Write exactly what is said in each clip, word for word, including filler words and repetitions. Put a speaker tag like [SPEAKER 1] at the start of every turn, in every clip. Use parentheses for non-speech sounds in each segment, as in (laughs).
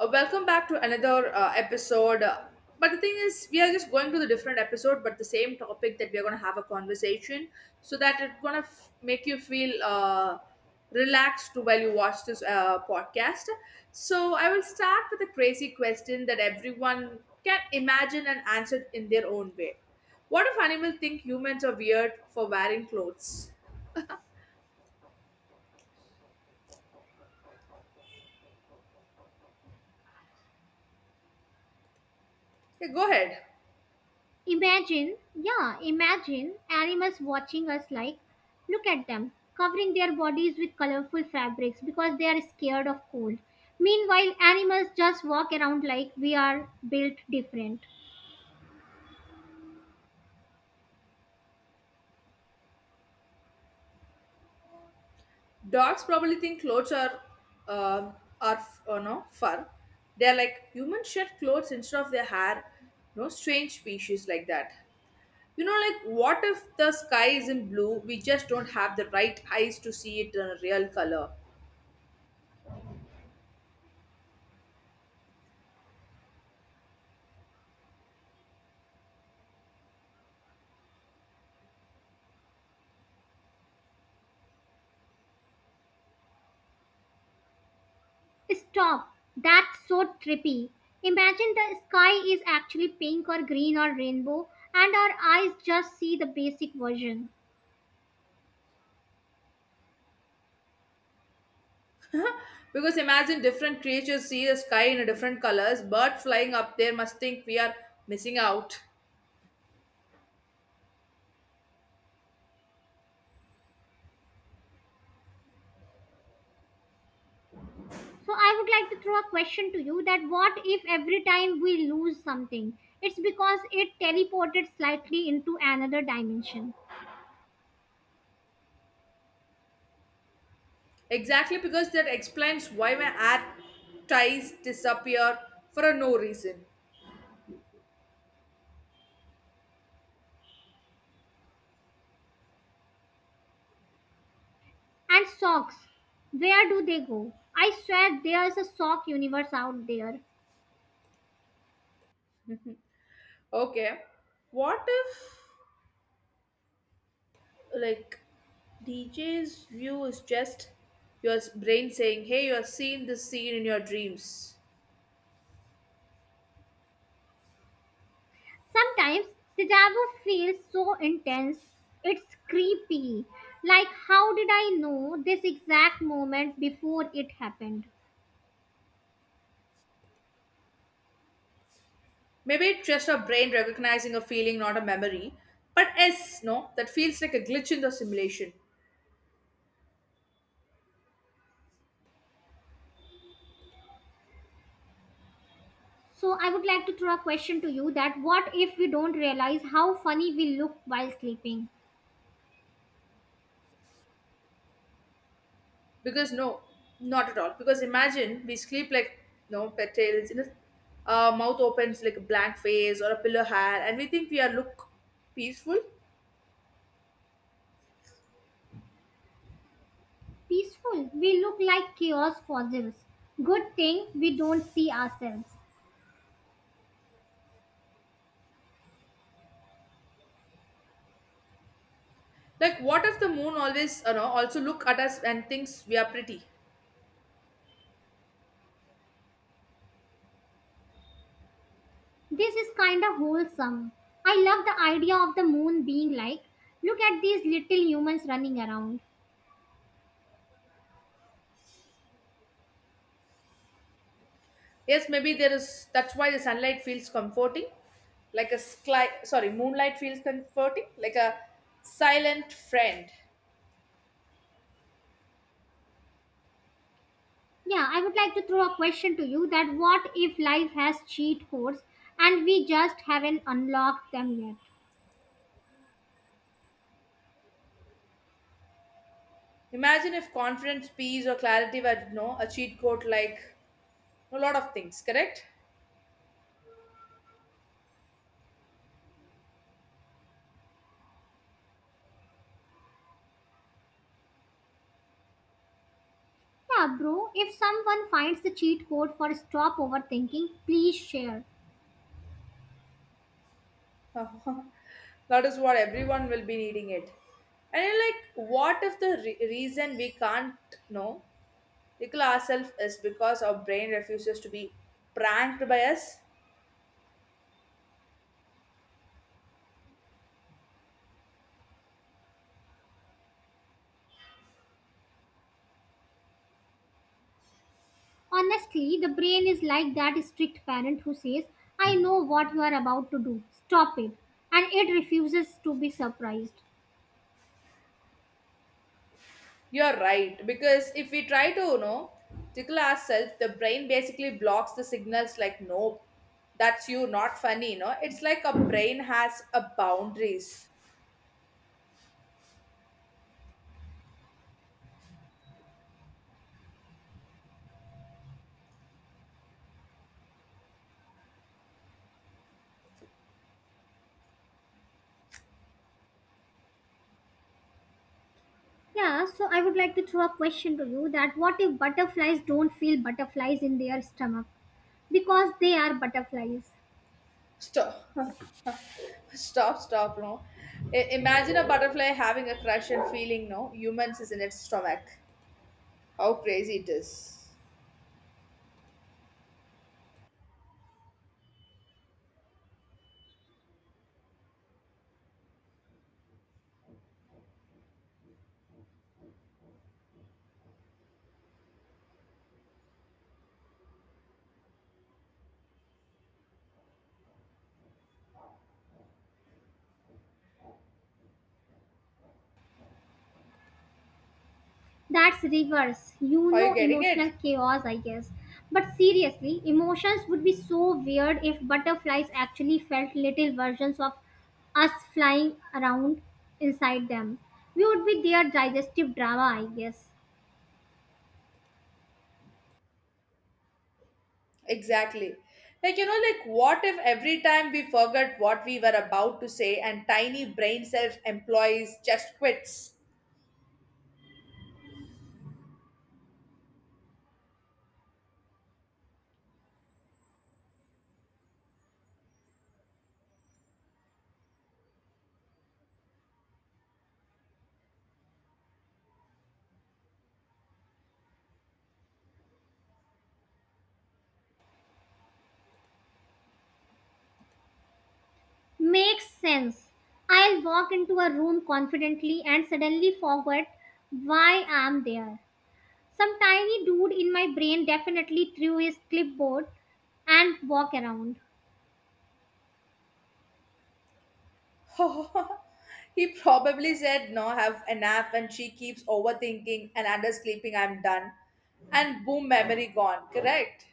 [SPEAKER 1] Uh, welcome back to another uh, episode. Uh, but the thing is, we are just going to the different episode, but the same topic that we are going to have a conversation, so that it's going to f- make you feel uh, relaxed while you watch this uh, podcast. So I will start with a crazy question that everyone can imagine and answer in their own way. What if animals think humans are weird for wearing clothes? Okay, go ahead.
[SPEAKER 2] Imagine, yeah, imagine animals watching us like, look at them, covering their bodies with colorful fabrics because they are scared of cold. Meanwhile, animals just walk around like we are built different.
[SPEAKER 1] Dogs probably think clothes are um are f- uh, no fur. They're like humans shed clothes instead of their hair. No strange species like that. You know, like what if the sky is not blue? We just don't have the right eyes to see it in a real color.
[SPEAKER 2] Stop, that's so trippy. Imagine the sky is actually pink or green or rainbow, and our eyes just see the basic version.
[SPEAKER 1] (laughs) Because imagine different creatures see the sky in a different colors. Bird flying up there must think we are missing out.
[SPEAKER 2] So I would like to throw a question to you that what if every time we lose something, it's because it teleported slightly into another dimension.
[SPEAKER 1] Exactly because that explains why my air ties disappear for a no reason.
[SPEAKER 2] And socks, where do they go? I swear there's a sock universe out there.
[SPEAKER 1] Okay. What if like D J's view is just your brain saying, "Hey, you have seen this scene in your dreams."
[SPEAKER 2] Sometimes deja vu feels so intense, it's creepy. Like, how did I know this exact moment before it happened?
[SPEAKER 1] Maybe it's just your brain recognizing a feeling, not a memory. But S, no, that feels like a glitch in the simulation.
[SPEAKER 2] So I would like to throw a question to you that what if we don't realize how funny we look while sleeping?
[SPEAKER 1] Because no, not at all. Because imagine we sleep like no petals in a uh, mouth opens like a blank face or a pillow hair, and we think we are look peaceful.
[SPEAKER 2] Peaceful, we look like chaos fossils. Good thing we don't see ourselves.
[SPEAKER 1] Like what if the moon always, you know, also look at us and thinks we are pretty?
[SPEAKER 2] This is kinda wholesome. I love the idea of the moon being like, look at these little humans running around.
[SPEAKER 1] Yes, maybe there is. That's why the sunlight feels comforting, like a sky. Sorry, moonlight feels comforting, like a silent friend.
[SPEAKER 2] Yeah, I would like to throw a question to you that what if life has cheat codes and we just haven't unlocked them yet?
[SPEAKER 1] Imagine if confidence, peace, or clarity were no a cheat code, like a lot of things. Correct?
[SPEAKER 2] Yeah, bro, if someone finds the cheat code for stop overthinking, please share.
[SPEAKER 1] (laughs) That is what everyone will be needing it. And you're like, what if the re- reason we can't know tickle ourselves is because our brain refuses to be pranked by us?
[SPEAKER 2] Honestly, the brain is like that strict parent who says, I know what you are about to do. Stop it. And it refuses to be surprised.
[SPEAKER 1] You're right, because if we try to, you know, tickle ourselves, the brain basically blocks the signals like, nope, that's you, not funny, you know. It's like a brain has a boundaries.
[SPEAKER 2] Yeah, so I would like to throw a question to you that what if butterflies don't feel butterflies in their stomach because they are butterflies?
[SPEAKER 1] Stop, (laughs) stop, stop, no. I- imagine a butterfly having a crush and feeling, no, humans is in its stomach. How crazy it is.
[SPEAKER 2] That's reverse. You
[SPEAKER 1] Are you
[SPEAKER 2] know,
[SPEAKER 1] getting it?
[SPEAKER 2] emotional chaos, I guess. But seriously, emotions would be so weird if butterflies actually felt little versions of us flying around inside them. We would be their digestive drama, I guess.
[SPEAKER 1] Exactly. Like, you know, like what if every time we forgot what we were about to say and tiny brain self employees just quits?
[SPEAKER 2] Makes sense. I'll walk into a room confidently and suddenly forget why I'm there. Some tiny dude in my brain definitely threw his clipboard and walk around.
[SPEAKER 1] (laughs) He probably said, "No, have a nap, and she keeps overthinking and under sleeping, I'm done." And boom, memory gone, correct?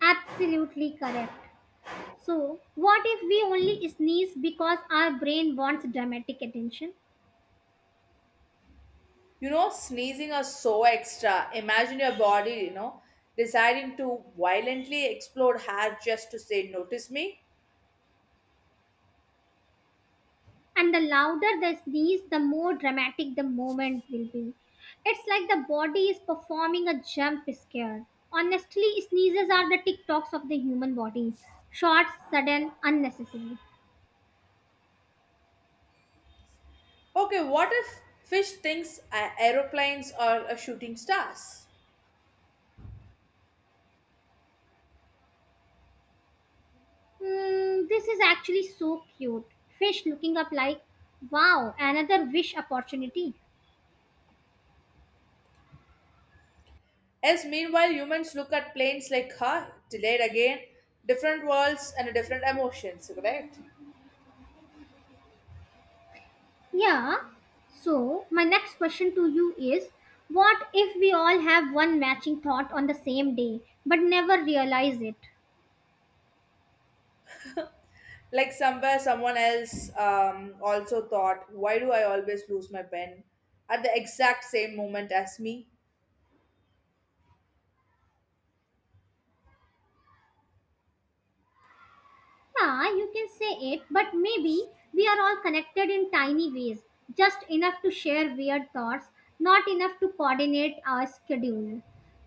[SPEAKER 2] Absolutely correct. So, what if we only sneeze because our brain wants dramatic attention?
[SPEAKER 1] You know, sneezing are so extra. Imagine your body, you know, deciding to violently explode hair just to say, "Notice me?"
[SPEAKER 2] And the louder the sneeze, the more dramatic the moment will be. It's like the body is performing a jump scare. Honestly, sneezes are the TikToks of the human body short, sudden, unnecessary.
[SPEAKER 1] Okay, what if fish thinks a- aeroplanes are a shooting stars?
[SPEAKER 2] Hmm, this is actually so cute. Fish looking up like, wow, another wish opportunity.
[SPEAKER 1] As meanwhile, humans look at planes like, huh, delayed again, different worlds and different emotions, correct?
[SPEAKER 2] Yeah. So, my next question to you is what if we all have one matching thought on the same day but never realize it?
[SPEAKER 1] Like somewhere someone else um, also thought, why do I always lose my pen at the exact same moment as me?
[SPEAKER 2] Yeah, you can say it, but maybe we are all connected in tiny ways, just enough to share weird thoughts, not enough to coordinate our schedule.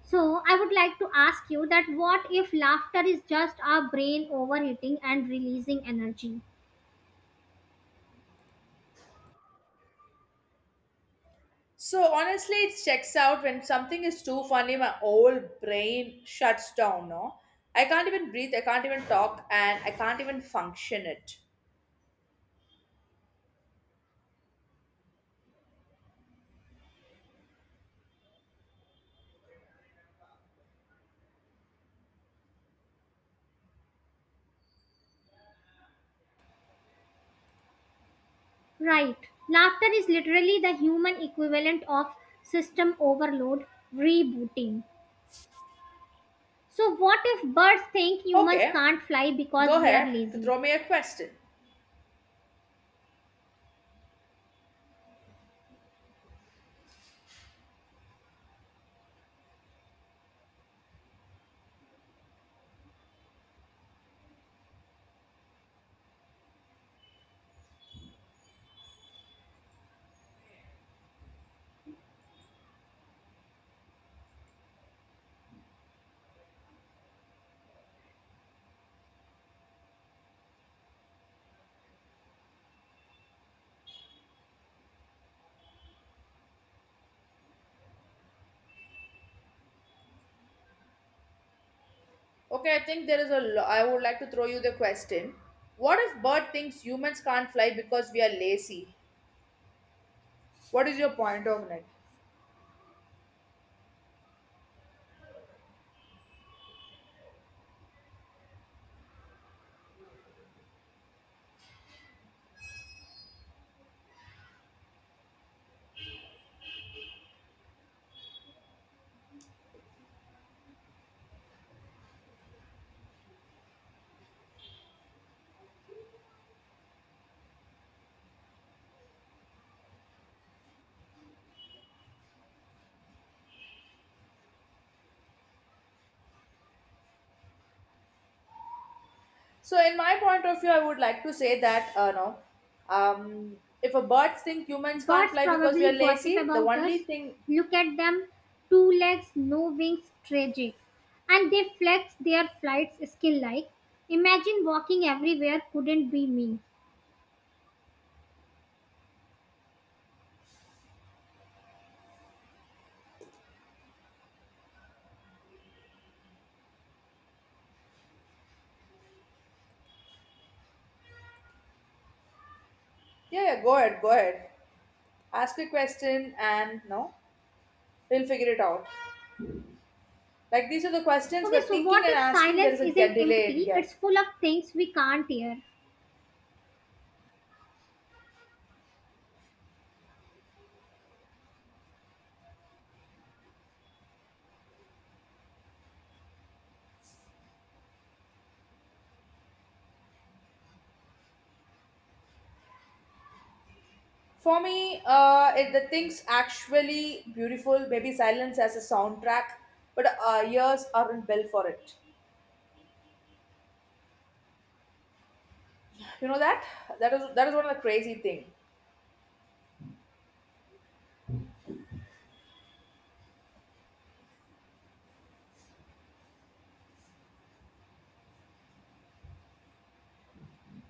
[SPEAKER 2] So, I would like to ask you that what if laughter is just our brain overheating and releasing energy?
[SPEAKER 1] So honestly, it checks out when something is too funny, my whole brain shuts down. No, I can't even breathe, I can't even talk, and I can't even function it.
[SPEAKER 2] Right. Laughter is literally the human equivalent of system overload rebooting. So, what if birds think humans
[SPEAKER 1] Okay,
[SPEAKER 2] can't fly because
[SPEAKER 1] go
[SPEAKER 2] we are
[SPEAKER 1] ahead to
[SPEAKER 2] lazy?
[SPEAKER 1] throw me a question. Okay, I think there is a. Lo- I would like to throw you the question. What if bird thinks humans can't fly because we are lazy? What is your point of it? So, in my point of view, I would like to say that uh, no, um, if a birds think humans can't
[SPEAKER 2] Birds
[SPEAKER 1] fly because we are
[SPEAKER 2] probably gossip
[SPEAKER 1] lazy, the
[SPEAKER 2] about
[SPEAKER 1] only
[SPEAKER 2] us.
[SPEAKER 1] thing,
[SPEAKER 2] Look at them two legs, no wings, tragic. And they flex their flights skill like. Imagine walking everywhere couldn't be me.
[SPEAKER 1] yeah, yeah, go ahead, go ahead, ask a question, and no, we'll figure it out. Like these are the questions
[SPEAKER 2] Okay,
[SPEAKER 1] we're
[SPEAKER 2] so
[SPEAKER 1] thinking
[SPEAKER 2] what
[SPEAKER 1] and
[SPEAKER 2] if
[SPEAKER 1] asking. There
[SPEAKER 2] silence
[SPEAKER 1] is a get
[SPEAKER 2] isn't
[SPEAKER 1] delay in
[SPEAKER 2] empty? It's
[SPEAKER 1] get.
[SPEAKER 2] full of things we can't hear.
[SPEAKER 1] For me, uh, it, the things actually beautiful. Maybe silence as a soundtrack, but our ears aren't built for it. You know that that is that is one of the crazy thing.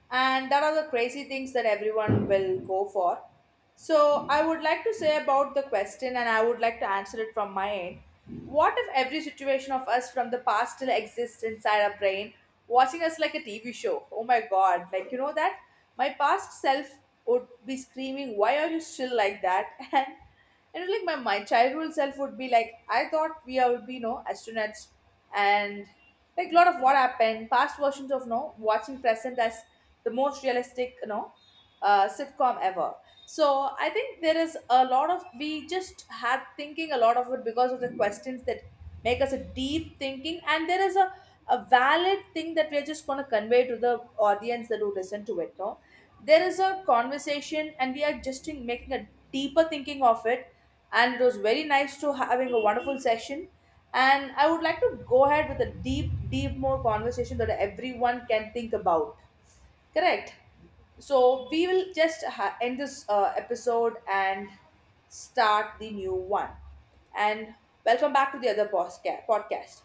[SPEAKER 1] And that are the crazy things that everyone will go for. So, I would like to say about the question, and I would like to answer it from my end. What if every situation of us from the past still exists inside our brain, watching us like a T V show? Oh my god, like you know that? My past self would be screaming, "Why are you still like that?" (laughs) And and like my, my childhood self would be like, I thought we would be no astronauts and like a lot of what happened, past versions of no watching present as the most realistic you know uh, sitcom ever. So I think there is a lot of we just had thinking a lot of it because of the questions that make us a deep thinking and there is a, a valid thing that we're just going to convey to the audience that who listen to it no there is a conversation and we are just in making a deeper thinking of it. And it was very nice to having a wonderful session, and I would like to go ahead with a deep deep more conversation that everyone can think about, correct? So we will just ha- end this uh, episode and start the new one. And welcome back to the other podcast. podcast.